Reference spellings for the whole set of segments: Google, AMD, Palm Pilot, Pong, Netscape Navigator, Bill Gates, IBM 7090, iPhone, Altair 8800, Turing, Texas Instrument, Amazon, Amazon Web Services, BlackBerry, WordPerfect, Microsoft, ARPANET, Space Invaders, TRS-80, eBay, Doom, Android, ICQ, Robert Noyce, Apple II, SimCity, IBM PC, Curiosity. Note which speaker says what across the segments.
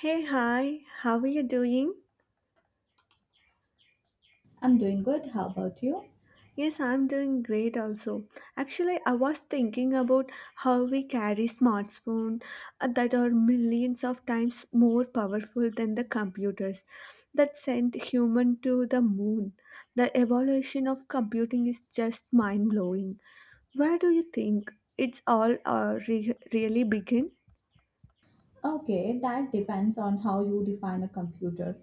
Speaker 1: Hey, hi, how are you doing?
Speaker 2: I'm doing good. How about you?
Speaker 1: Yes, I'm doing great also. Actually, I was thinking about how we carry smartphones that are millions of times more powerful than the computers that sent human to the moon. The evolution of computing is just mind-blowing. Where do you think it's all re really begin?
Speaker 2: Okay, that depends on how you define a computer,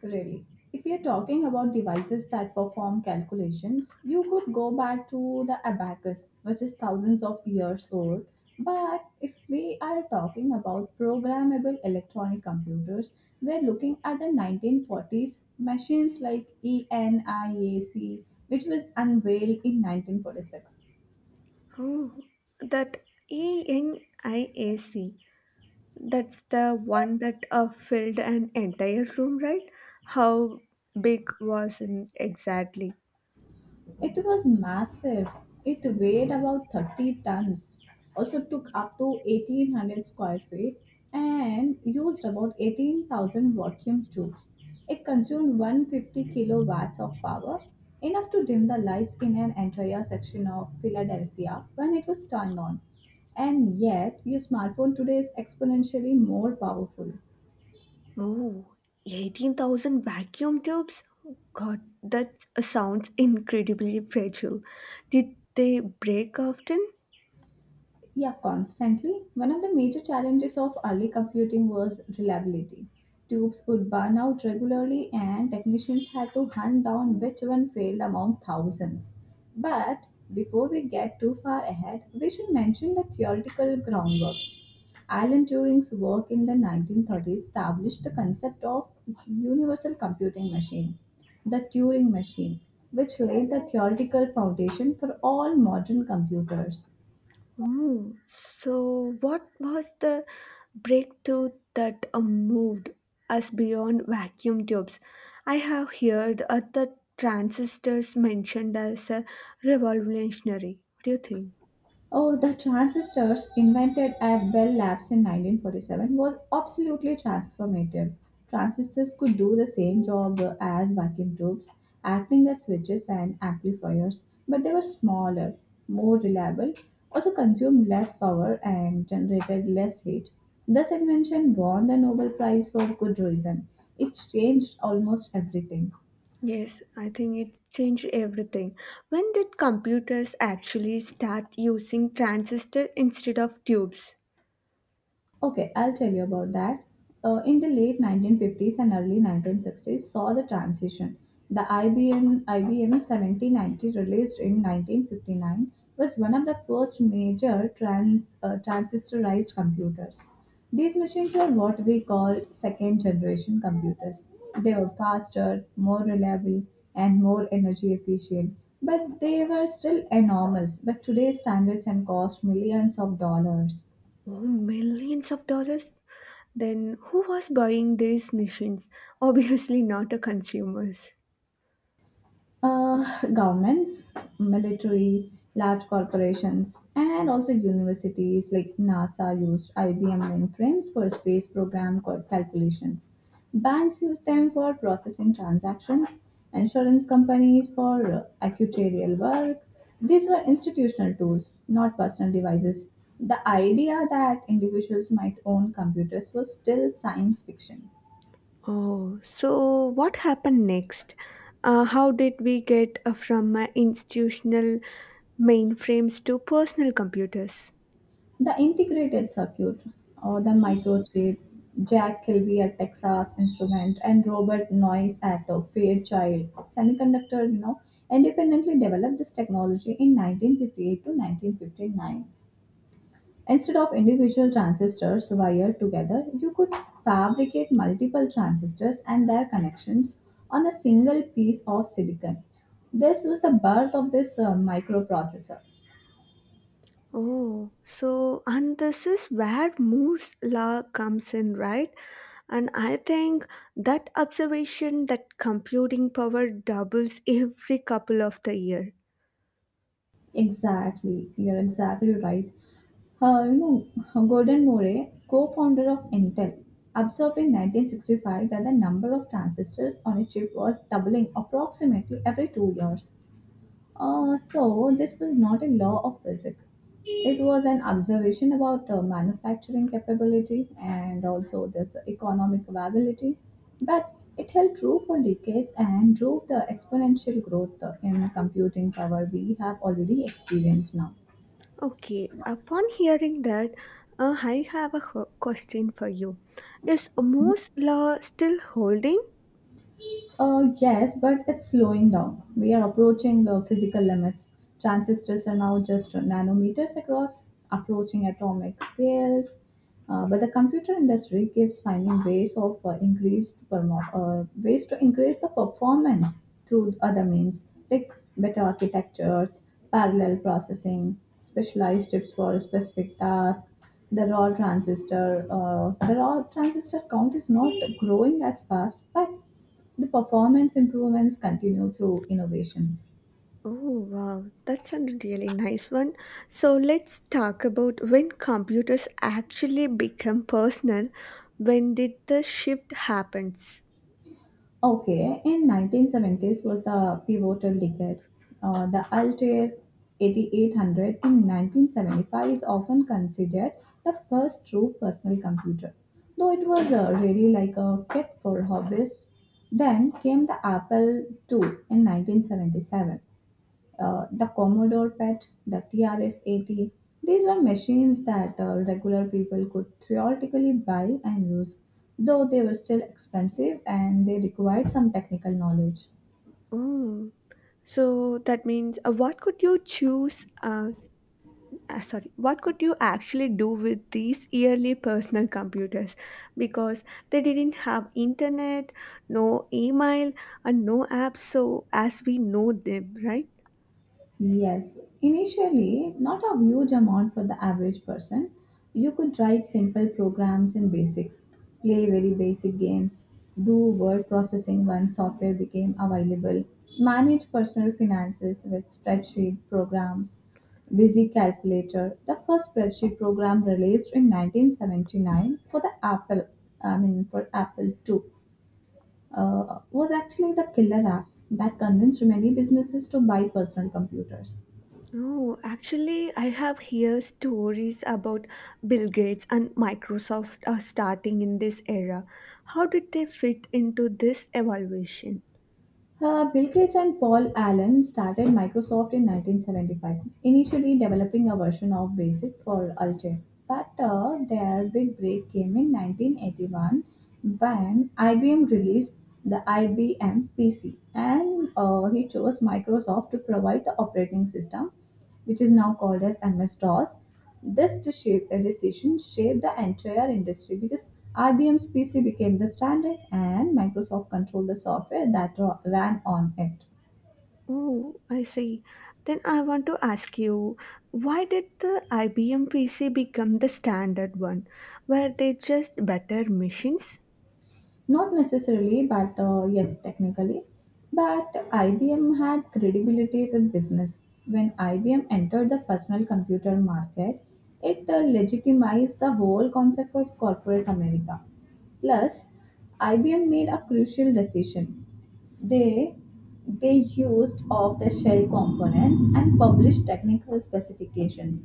Speaker 2: really. If you're talking about devices that perform calculations, you could go back to the abacus, which is thousands of years old. But if we are talking about programmable electronic computers, we're looking at the 1940s machines like ENIAC, which was unveiled in 1946.
Speaker 1: Oh, that ENIAC. That's the one that filled an entire room, right? How big was it exactly?
Speaker 2: It was massive. It weighed about 30 tons, also took up to 1800 square feet, and used about 18,000 vacuum tubes. It consumed 150 kilowatts of power, enough to dim the lights in an entire section of Philadelphia when it was turned on. And yet, your smartphone today is exponentially more powerful.
Speaker 1: Oh, 18,000 vacuum tubes? God, that sounds incredibly fragile. Did they break often?
Speaker 2: Yeah, constantly. One of the major challenges of early computing was reliability. Tubes would burn out regularly, and technicians had to hunt down which one failed among thousands. But before we get too far ahead, we should mention the theoretical groundwork. Alan Turing's work in the 1930s established the concept of universal computing machine, the Turing machine, which laid the theoretical foundation for all modern computers.
Speaker 1: Oh, so what was the breakthrough that moved us beyond vacuum tubes? I have heard other transistors mentioned as a revolutionary. What do you think?
Speaker 2: Oh, the transistors invented at Bell Labs in 1947 was absolutely transformative. Transistors could do the same job as vacuum tubes, acting as switches and amplifiers, but they were smaller, more reliable, also consumed less power and generated less heat. This invention won the Nobel Prize for good reason. It changed almost everything.
Speaker 1: Yes, I think it changed everything. When did computers actually start using transistor instead of tubes?
Speaker 2: Okay, I'll tell you about that. In the late 1950s and early 1960s, saw the transition. The IBM 7090 released in 1959 was one of the first major transistorized computers. These machines were what we call second generation computers. They were faster, more reliable, and more energy efficient, but they were still enormous. But today's standards and cost millions of dollars.
Speaker 1: Oh, millions of dollars? Then who was buying these machines? Obviously not the consumers.
Speaker 2: Governments, military, large corporations, and also universities like NASA used IBM mainframes for space program calculations. Banks used them for processing transactions, insurance companies for actuarial work. These were institutional tools, not personal devices. The idea that individuals might own computers was still science fiction.
Speaker 1: Oh, so what happened next? How did we get from institutional mainframes to personal computers?
Speaker 2: The integrated circuit, or the microchip, Jack Kilby at Texas Instrument, and Robert Noyce at Fairchild Semiconductor, independently developed this technology in 1958 to 1959. Instead of individual transistors wired together, you could fabricate multiple transistors and their connections on a single piece of silicon. This was the birth of this microprocessor.
Speaker 1: Oh, so and this is where Moore's law comes in, right? And I think that observation that computing power doubles every couple of the year.
Speaker 2: Exactly, you're exactly right. Uh, you Gordon Murray, co-founder of Intel, observed in 1965 that the number of transistors on a chip was doubling approximately every 2 years. So, this was not a law of physics. It was an observation about manufacturing capability and also this economic viability, but it held true for decades and drove the exponential growth in computing power we have already experienced now.
Speaker 1: Okay, upon hearing that, I have a question for you. Is Moore's law still holding?
Speaker 2: Yes, but it's slowing down. We are approaching the physical limits. Transistors are now just nanometers across, approaching atomic scales. But the computer industry keeps finding ways to increase the performance through other means, like better architectures, parallel processing, specialized chips for a specific tasks. The raw transistor count is not growing as fast, but the performance improvements continue through innovations.
Speaker 1: Oh, wow, that's a really nice one. So let's talk about when computers actually become personal. When did the shift happens?
Speaker 2: Okay, in 1970s was the pivotal decade. The Altair 8800 in 1975 is often considered the first true personal computer, though it was really like a kit for hobbyists. Then came the Apple II in 1977, the Commodore PET, the TRS-80. These were machines that regular people could theoretically buy and use, though they were still expensive and they required some technical knowledge.
Speaker 1: Oh, so that means what could you choose? Sorry, what could you actually do with these early personal computers? Because they didn't have internet, no email, and no apps. So as we know them, right?
Speaker 2: Yes, initially, not a huge amount for the average person. You could write simple programs in basics, play very basic games, do word processing when software became available, manage personal finances with spreadsheet programs, Busy Calculator, the first spreadsheet program released in 1979 for the Apple, I mean for Apple II, was actually the killer app that convinced many businesses to buy personal computers.
Speaker 1: Oh, actually, I have heard stories about Bill Gates and Microsoft are starting in this era. How did they fit into this evaluation?
Speaker 2: Bill Gates and Paul Allen started Microsoft in 1975, initially developing a version of BASIC for Altair. But their big break came in 1981 when IBM released the IBM PC, and he chose Microsoft to provide the operating system, which is now called as MS DOS. This decision shaped the entire industry because IBM's PC became the standard and Microsoft controlled the software that ran on it.
Speaker 1: Oh, I see. Then I want to ask you, why did the IBM PC become the standard one? Were they just better machines?
Speaker 2: Not necessarily, but yes, technically. But IBM had credibility with business. When IBM entered the personal computer market, it legitimized the whole concept of corporate America. Plus, IBM made a crucial decision. They they used off the shell components and published technical specifications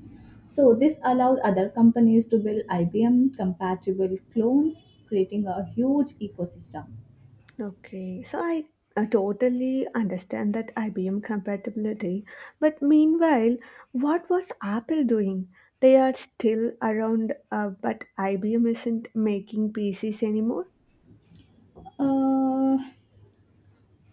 Speaker 2: so this allowed other companies to build IBM compatible clones, creating a huge ecosystem.
Speaker 1: Okay, so I totally understand that IBM compatibility, but meanwhile, what was Apple doing? They are still around, but IBM isn't making PCs anymore.
Speaker 2: Uh,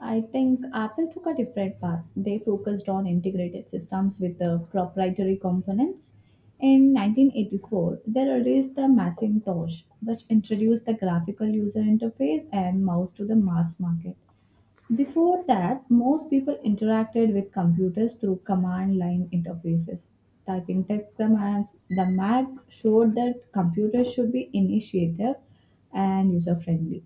Speaker 2: I think Apple took a different path. They focused on integrated systems with the proprietary components. In 1984, they released the Macintosh, which introduced the graphical user interface and mouse to the mass market. Before that, most people interacted with computers through command line interfaces. Typing text commands, the Mac showed that computers should be initiative and user friendly.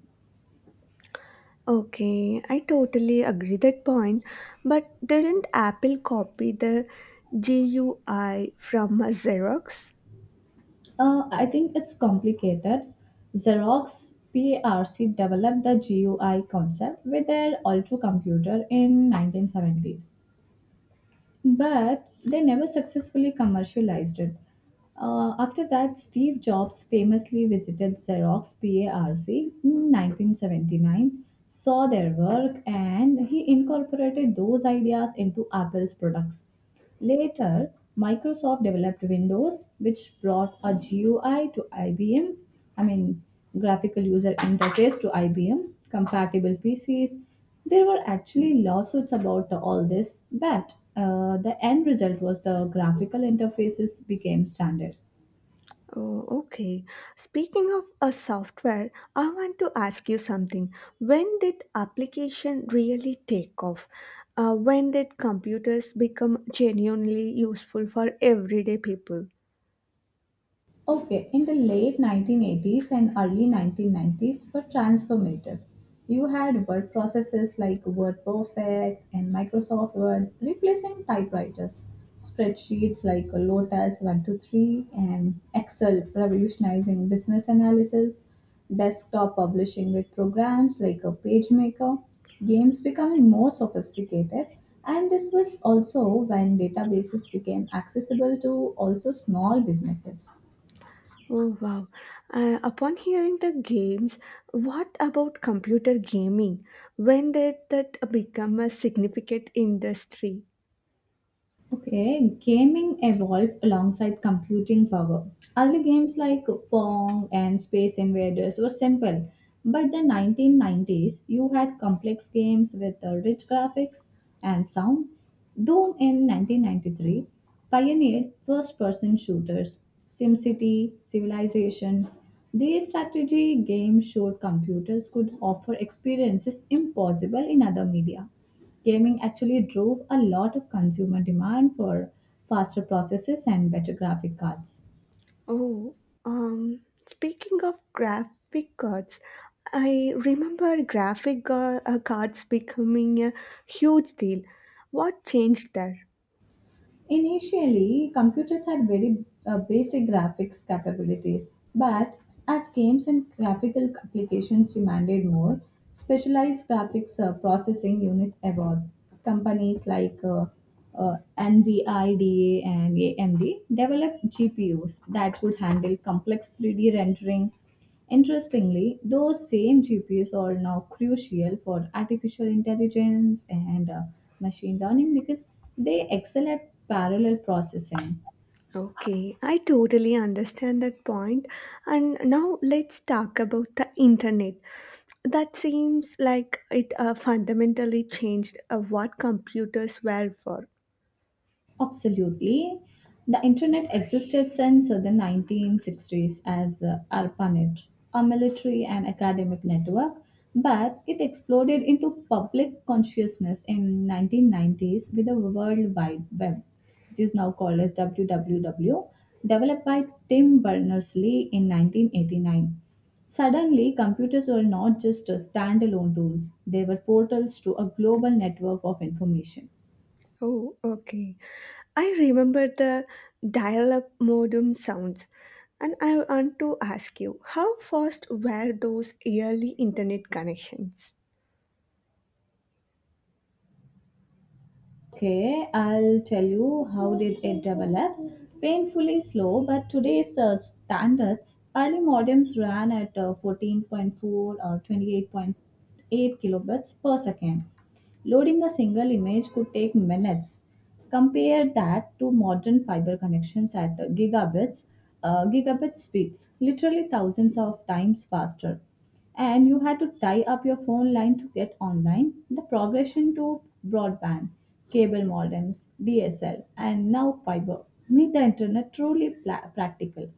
Speaker 1: Okay, I totally agree that point, but didn't Apple copy the GUI from Xerox?
Speaker 2: I think it's complicated. Xerox PARC developed the GUI concept with their Ultra computer in 1970s, but they never successfully commercialized it. After that, Steve Jobs famously visited Xerox PARC in 1979, saw their work, and he incorporated those ideas into Apple's products. Later, Microsoft developed Windows, which brought a GUI to IBM, I mean, graphical user interface to IBM, compatible PCs. There were actually lawsuits about all this, but the end result was the graphical interfaces became standard.
Speaker 1: Oh, okay. Speaking of a software, I want to ask you something. When did application really take off? When did computers become genuinely useful for everyday people?
Speaker 2: Okay, in the late 1980s and early 1990s were transformative. You had word processors like Word Perfect and Microsoft Word replacing typewriters, spreadsheets like Lotus 123 and Excel revolutionizing business analysis, desktop publishing with programs like a PageMaker, games becoming more sophisticated, and this was also when databases became accessible to also small businesses.
Speaker 1: Oh, wow. Upon hearing the games, what about computer gaming? When did that become a significant industry?
Speaker 2: Okay, gaming evolved alongside computing power. Early games like Pong and Space Invaders were simple, but the 1990s you had complex games with rich graphics and sound. Doom in 1993 pioneered first-person shooters. SimCity, Civilization, these strategy games showed computers could offer experiences impossible in other media. Gaming actually drove a lot of consumer demand for faster processors and better graphic cards.
Speaker 1: Oh, speaking of graphic cards, I remember graphic cards becoming a huge deal. What changed there?
Speaker 2: Initially, computers had very basic graphics capabilities, but as games and graphical applications demanded more, specialized graphics processing units evolved. Companies like NVIDIA and AMD developed GPUs that could handle complex 3D rendering. Interestingly, those same GPUs are now crucial for artificial intelligence and machine learning because they excel at parallel processing.
Speaker 1: Okay, I totally understand that point. And now let's talk about the internet. That seems like it fundamentally changed what computers were for.
Speaker 2: Absolutely. The internet existed since the 1960s as ARPANET, a military and academic network, but it exploded into public consciousness in 1990s with the World Wide Web, which is now called as WWW, developed by Tim Berners-Lee in 1989. Suddenly, computers were not just standalone tools, they were portals to a global network of information.
Speaker 1: Oh, okay. I remember the dial up modem sounds. And I want to ask you, how fast were those early internet connections?
Speaker 2: Okay, I'll tell you how did it develop. Painfully slow, but today's standards, early modems ran at 14.4 or 28.8 kilobits per second. Loading a single image could take minutes. Compare that to modern fiber connections at gigabit speeds, literally thousands of times faster and you had to tie up your phone line to get online. The progression to broadband, cable modems, DSL, and now fiber made the internet truly practical.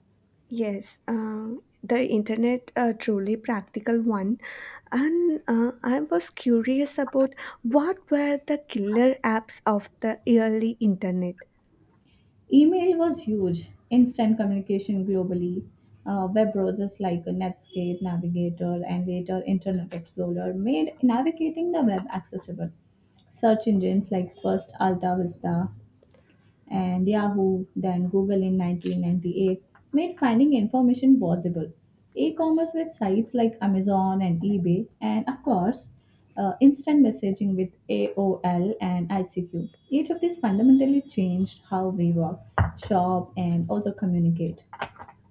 Speaker 1: Yes, the internet a truly practical one, and I was curious about what were the killer apps of the early internet.
Speaker 2: Email was huge, instant communication globally. Web browsers like Netscape, Navigator, and later Internet Explorer made navigating the web accessible. Search engines like First, Alta Vista, and Yahoo, then Google in 1998, made finding information possible. E commerce with sites like Amazon and eBay, and of course, instant messaging with AOL and ICQ. Each of these fundamentally changed how we work, shop, and also communicate.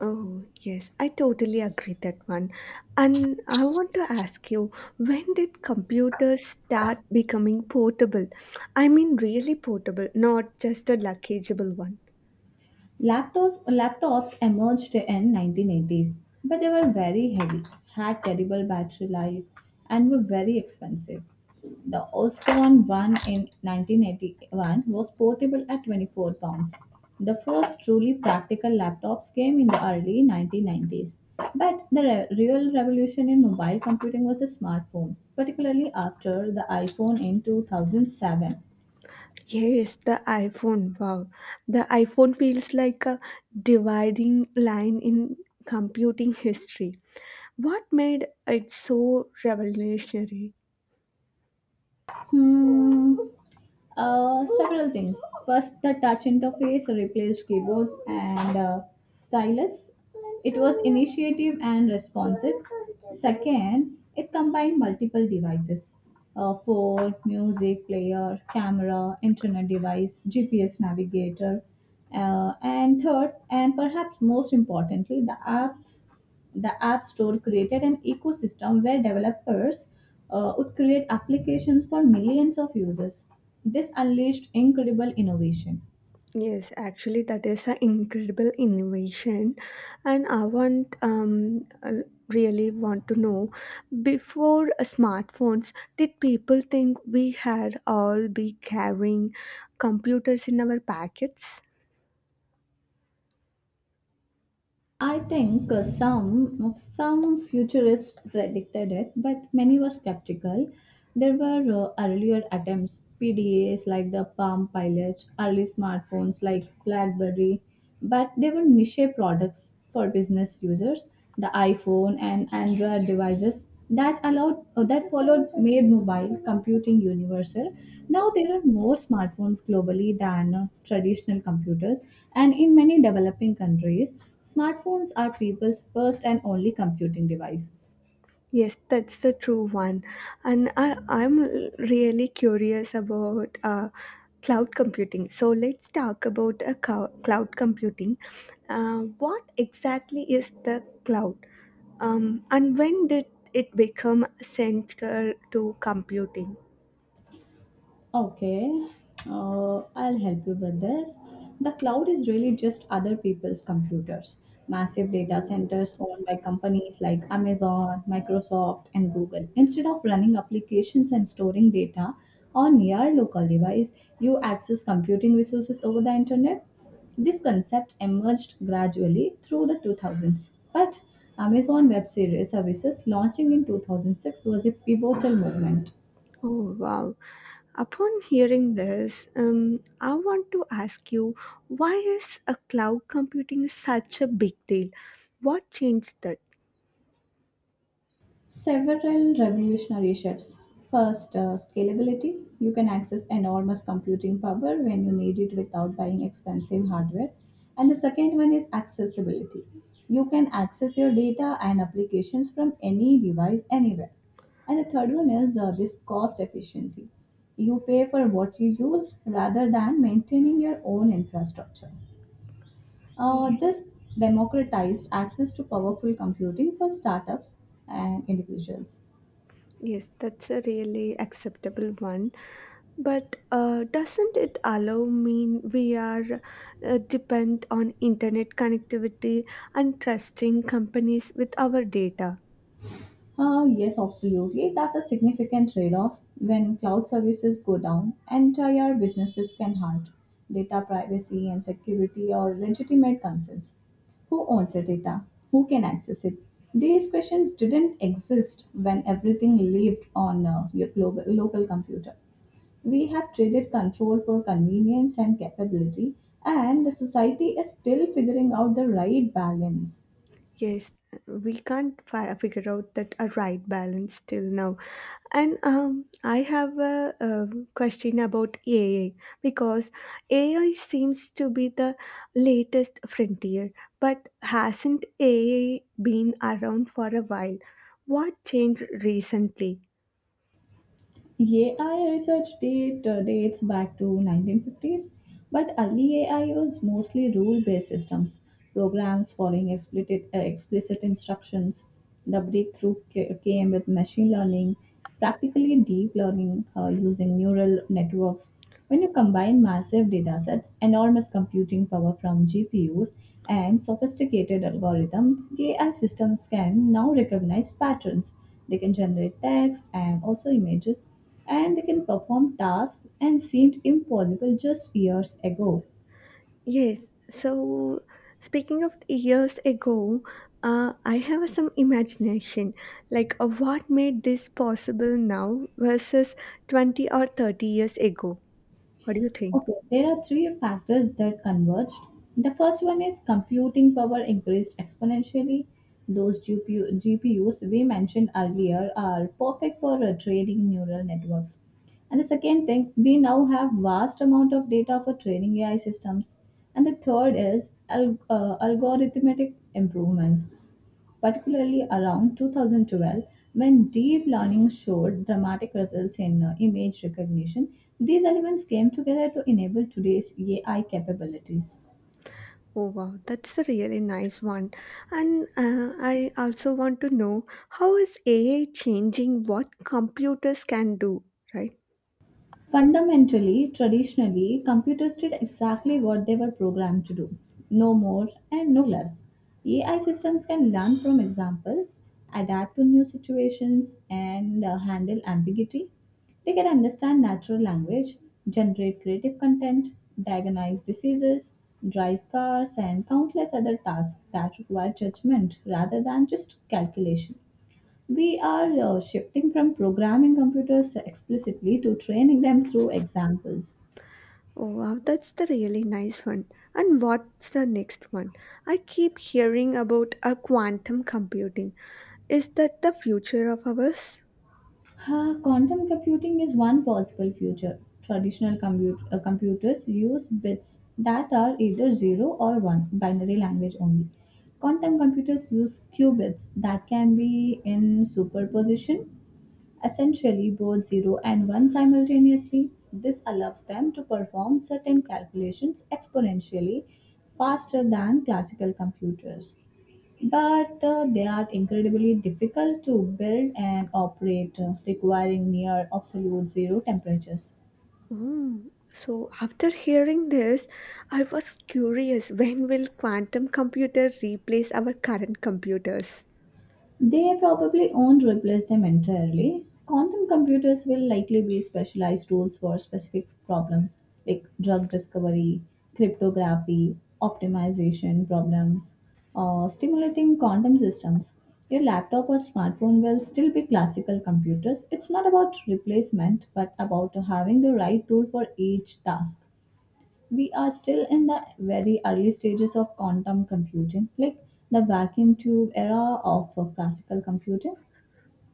Speaker 1: Oh, yes, I totally agree that one. And I want to ask you, when did computers start becoming portable? I mean, really portable, not just a luggageable one.
Speaker 2: Laptops emerged in 1980s, but they were very heavy, had terrible battery life, and were very expensive. The Osborne one in 1981 was portable at 24 pounds. The first truly practical laptops came in the early 1990s, but the real revolution in mobile computing was the smartphone, particularly after the iPhone in 2007.
Speaker 1: Yes, the iPhone. Wow. The iPhone feels like a dividing line in computing history. What made it so revolutionary?
Speaker 2: Hmm. Several things. First, the touch interface replaced keyboards and stylus. It was initiative and responsive. Second, it combined multiple devices phone, music player, camera, internet device, GPS navigator. And third, and perhaps most importantly, the App Store created an ecosystem where developers would create applications for millions of users. This unleashed incredible innovation.
Speaker 1: Yes, actually, that is an incredible innovation, and I want really want to know before smartphones, did people think we had all be carrying computers in our packets?
Speaker 2: I think some futurists predicted it, but many were skeptical. There were earlier attempts, PDAs like the Palm Pilot, early smartphones like BlackBerry, but they were niche products for business users. The iPhone and Android devices that followed made mobile computing universal. Now there are more smartphones globally than traditional computers, and in many developing countries smartphones are people's first and only computing device.
Speaker 1: Yes, that's the true one. And I'm really curious about cloud computing. So let's talk about cloud computing. What exactly is the cloud? And when did it become central to computing?
Speaker 2: Okay, I'll help you with this. The cloud is really just other people's computers, massive data centers owned by companies like Amazon, Microsoft, and Google. Instead of running applications and storing data on your local device, you access computing resources over the internet. This concept emerged gradually through the 2000s, but Amazon Web Series Services launching in 2006 was a pivotal movement.
Speaker 1: Oh, wow. Upon hearing this, I want to ask you why is a cloud computing such a big deal? What changed that?
Speaker 2: Several revolutionary shifts. First, scalability. You can access enormous computing power when you need it without buying expensive hardware. And the second one is accessibility. You can access your data and applications from any device anywhere. And the third one is this cost efficiency. You pay for what you use rather than maintaining your own infrastructure. This democratized access to powerful computing for startups and individuals.
Speaker 1: Yes, that's a really acceptable one. But doesn't it allow mean we are depend on internet connectivity and trusting companies with our data?
Speaker 2: Yes, absolutely. That's a significant trade off. When cloud services go down, entire businesses can halt. Data privacy and security are legitimate concerns. Who owns the data? Who can access it? These questions didn't exist when everything lived on your global, local computer. We have traded control for convenience and capability, and the society is still figuring out the right balance.
Speaker 1: Yes, we can't figure out that a right balance till now. And I have a question about AI because AI seems to be the latest frontier, but hasn't AI been around for a while? What changed recently?
Speaker 2: AI research dates back to 1950s, but early AI was mostly rule-based systems, programs following explicit instructions. The breakthrough came with machine learning, practically deep learning using neural networks. When you combine massive data sets, enormous computing power from GPUs, and sophisticated algorithms, AI systems can now recognize patterns. They can generate text and also images, and they can perform tasks and seemed impossible just years ago.
Speaker 1: Yes, so speaking of years ago, I have some imagination like what made this possible now versus 20 or 30 years ago. What do you think?
Speaker 2: Okay, there are three factors that converged. The first one is computing power increased exponentially. Those GPUs we mentioned earlier are perfect for training neural networks. And the second thing, we now have vast amount of data for training AI systems. And the third is algorithmic improvements, particularly around 2012 when deep learning showed dramatic results in image recognition. These elements came together to enable today's AI capabilities.
Speaker 1: Oh wow, that's a really nice one. And I also want to know how is AI changing what computers can do, right?
Speaker 2: Fundamentally, traditionally, computers did exactly what they were programmed to do, no more and no less. AI systems can learn from examples, adapt to new situations, and handle ambiguity. They can understand natural language, generate creative content, diagnose diseases, drive cars, and countless other tasks that require judgment rather than just calculation. We are shifting from programming computers explicitly to training them through examples.
Speaker 1: Oh wow, that's the really nice one. And what's the next one? I keep hearing about a quantum computing. Is that the future of ours?
Speaker 2: Quantum computing is one possible future. Traditional computers use bits that are either 0 or 1, binary language only. Quantum computers use qubits that can be in superposition, essentially both 0 and 1 simultaneously. This allows them to perform certain calculations exponentially faster than classical computers. But they are incredibly difficult to build and operate, requiring near absolute zero temperatures.
Speaker 1: Mm. So after hearing this, I was curious when will quantum computer replace our current computers?
Speaker 2: They probably won't replace them entirely. Quantum computers will likely be specialized tools for specific problems like drug discovery, cryptography, optimization problems, or stimulating quantum systems. Your laptop or smartphone will still be classical computers. It's not about replacement, but about having the right tool for each task. We are still in the very early stages of quantum computing, like the vacuum tube era of classical computing.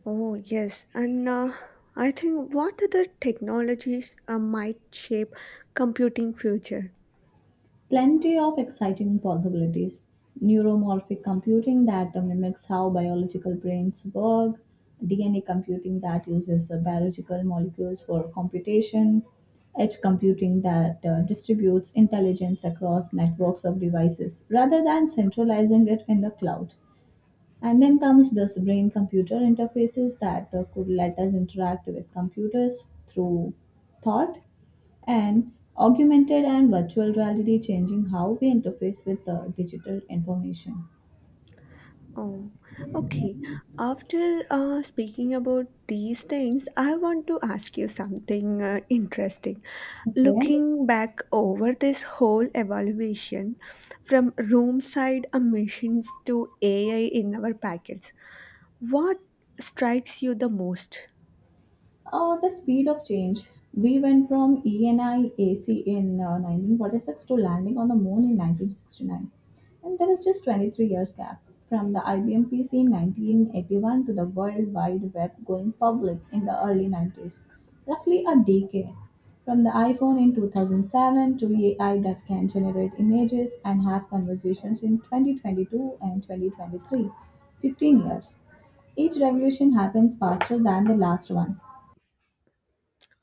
Speaker 1: Oh, yes. And I think what other technologies might shape computing future?
Speaker 2: Plenty of exciting possibilities. Neuromorphic computing that mimics how biological brains work, DNA computing that uses biological molecules for computation, edge computing that distributes intelligence across networks of devices rather than centralizing it in the cloud. And then comes this brain computer interfaces that could let us interact with computers through thought, and augmented and virtual reality changing how we interface with the digital information.
Speaker 1: Oh, okay. After speaking about these things, I want to ask you something interesting.
Speaker 2: Okay.
Speaker 1: Looking back over this whole evaluation from room side emissions to AI in our packets, what strikes you the most?
Speaker 2: The speed of change. We went from ENIAC in 1946 to landing on the moon in 1969. And there was just 23 years gap from the IBM PC in 1981 to the World Wide Web going public in the early 90s. Roughly a decade. From the iPhone in 2007 to AI that can generate images and have conversations in 2022 and 2023. 15 years. Each revolution happens faster than the last one.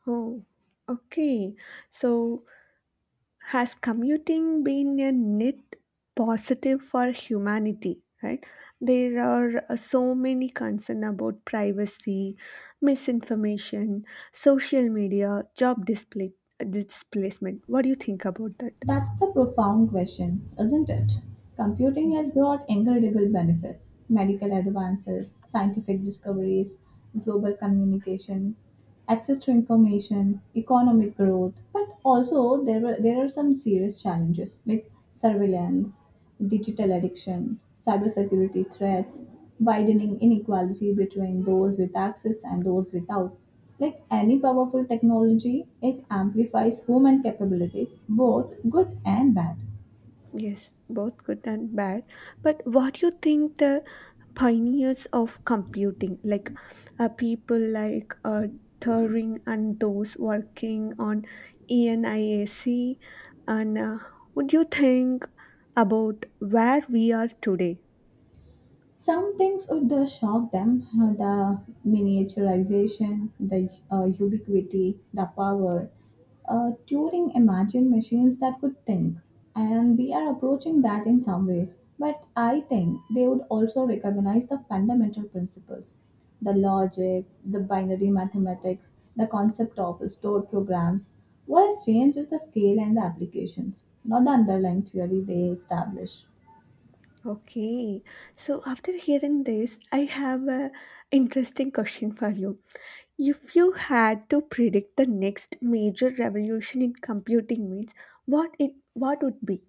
Speaker 1: Oh, okay. So has commuting been a net positive for humanity, right? There are so many concerns about privacy, misinformation, social media, job display displacement. What do you think about that?
Speaker 2: That's the profound question, isn't it? Computing has brought incredible benefits: medical advances, scientific discoveries, global communication, access to information, economic growth. But also, there are some serious challenges like surveillance, digital addiction, cybersecurity threats, widening inequality between those with access and those without. Like any powerful technology, it amplifies human capabilities, both good and bad.
Speaker 1: Yes, both good and bad. But what do you think the pioneers of computing, like people like Turing and those working on ENIAC, and would you think about where we are today?
Speaker 2: Some things would shock them, the miniaturization, the ubiquity, the power. Turing imagined machines that could think, and we are approaching that in some ways. But I think they would also recognize the fundamental principles, the logic, the binary mathematics, the concept of stored programs. What has changed is the scale and the applications, not the underlying theory they establish.
Speaker 1: Okay, so after hearing this, I have a interesting question for you. If you had to predict the next major revolution in computing means, what would be?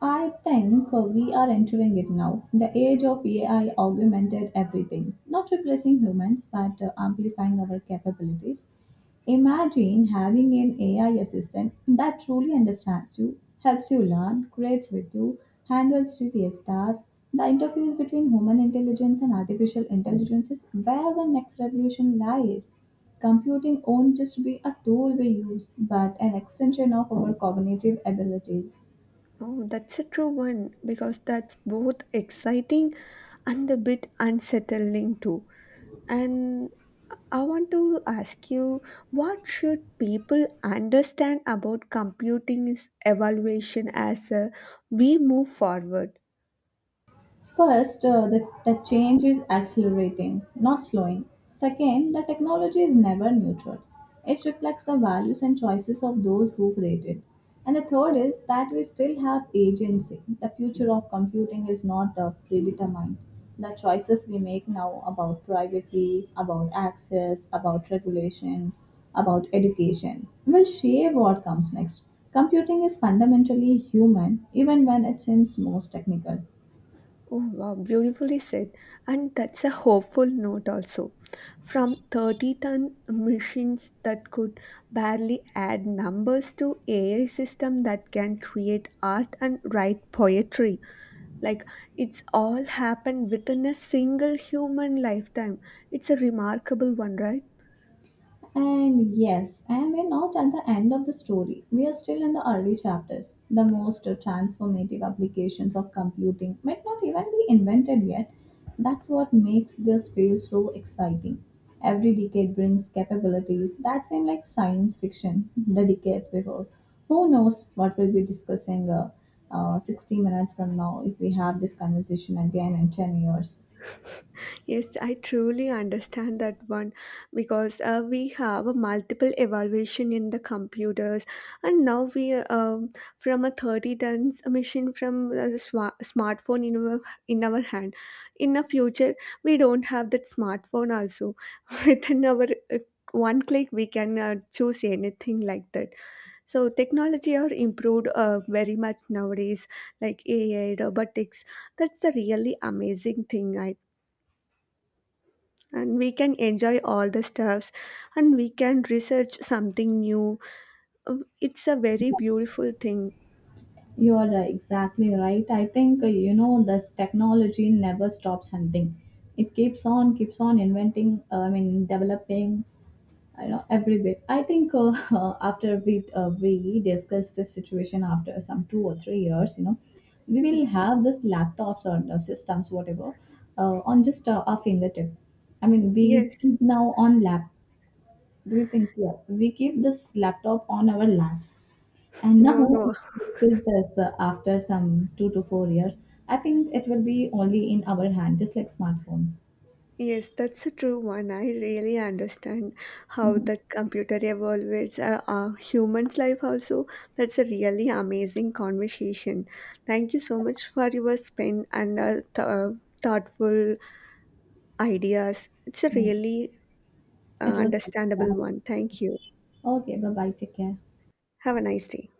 Speaker 2: I think we are entering it now, the age of AI augmented everything, not replacing humans but amplifying our capabilities. Imagine having an AI assistant that truly understands you, helps you learn, creates with you, handles tedious tasks. The interface between human intelligence and artificial intelligence is where the next revolution lies. Computing won't just be a tool we use, but an extension of our cognitive abilities.
Speaker 1: Oh, that's a true one because that's both exciting and a bit unsettling too. And I want to ask you, what should people understand about computing's evaluation as we move forward?
Speaker 2: First, the change is accelerating, not slowing. Second, the technology is never neutral. It reflects the values and choices of those who create it. And the third is that we still have agency. The future of computing is not predetermined. The choices we make now, about privacy, about access, about regulation, about education, will shape what comes next. Computing is fundamentally human, even when it seems most technical.
Speaker 1: Oh, wow, beautifully said. And that's a hopeful note also. From 30-ton machines that could barely add numbers to AI system that can create art and write poetry. Like it's all happened within a single human lifetime. It's a remarkable one, right?
Speaker 2: And yes, and we're not at the end of the story. We are still in the early chapters. The most transformative applications of computing might not even be invented yet. That's what makes this field so exciting. Every decade brings capabilities that seem like science fiction the decades before. Who knows what we'll be discussing 60 minutes from now if we have this conversation again in 10 years?
Speaker 1: Yes, I truly understand that one because we have a multiple evaluation in the computers, and now we from a 30 tons machine from a smartphone in our hand. In the future, we don't have that smartphone also. Within our uh, one click, we can choose anything like that. So technology are improved very much nowadays, like AI, robotics. That's the really amazing thing, I and we can enjoy all the stuffs and we can research something new. It's a very beautiful thing.
Speaker 2: Exactly right. I think this technology never stops hunting. It keeps on, keeps on inventing, I mean, developing every bit. I think after we discuss this situation after some 2 or 3 years we will have this laptops or the systems, whatever, on just our fingertip. I mean, we
Speaker 1: Yes.
Speaker 2: keep now on lap. Do you think, yeah, we keep this laptop on our laps and
Speaker 1: No,
Speaker 2: now,
Speaker 1: no.
Speaker 2: if we discuss this after some 2 to 4 years, I think it will be only in our hand, just like smartphones.
Speaker 1: Yes, that's a true one. I really understand how
Speaker 2: Mhm.
Speaker 1: that computer evolves humans life also. That's a really amazing conversation. Thank you so much for your spin and thoughtful ideas. It's a
Speaker 2: Mm.
Speaker 1: really
Speaker 2: It was
Speaker 1: understandable one. Thank you.
Speaker 2: okay. Bye bye. Take care.
Speaker 1: Have a nice day.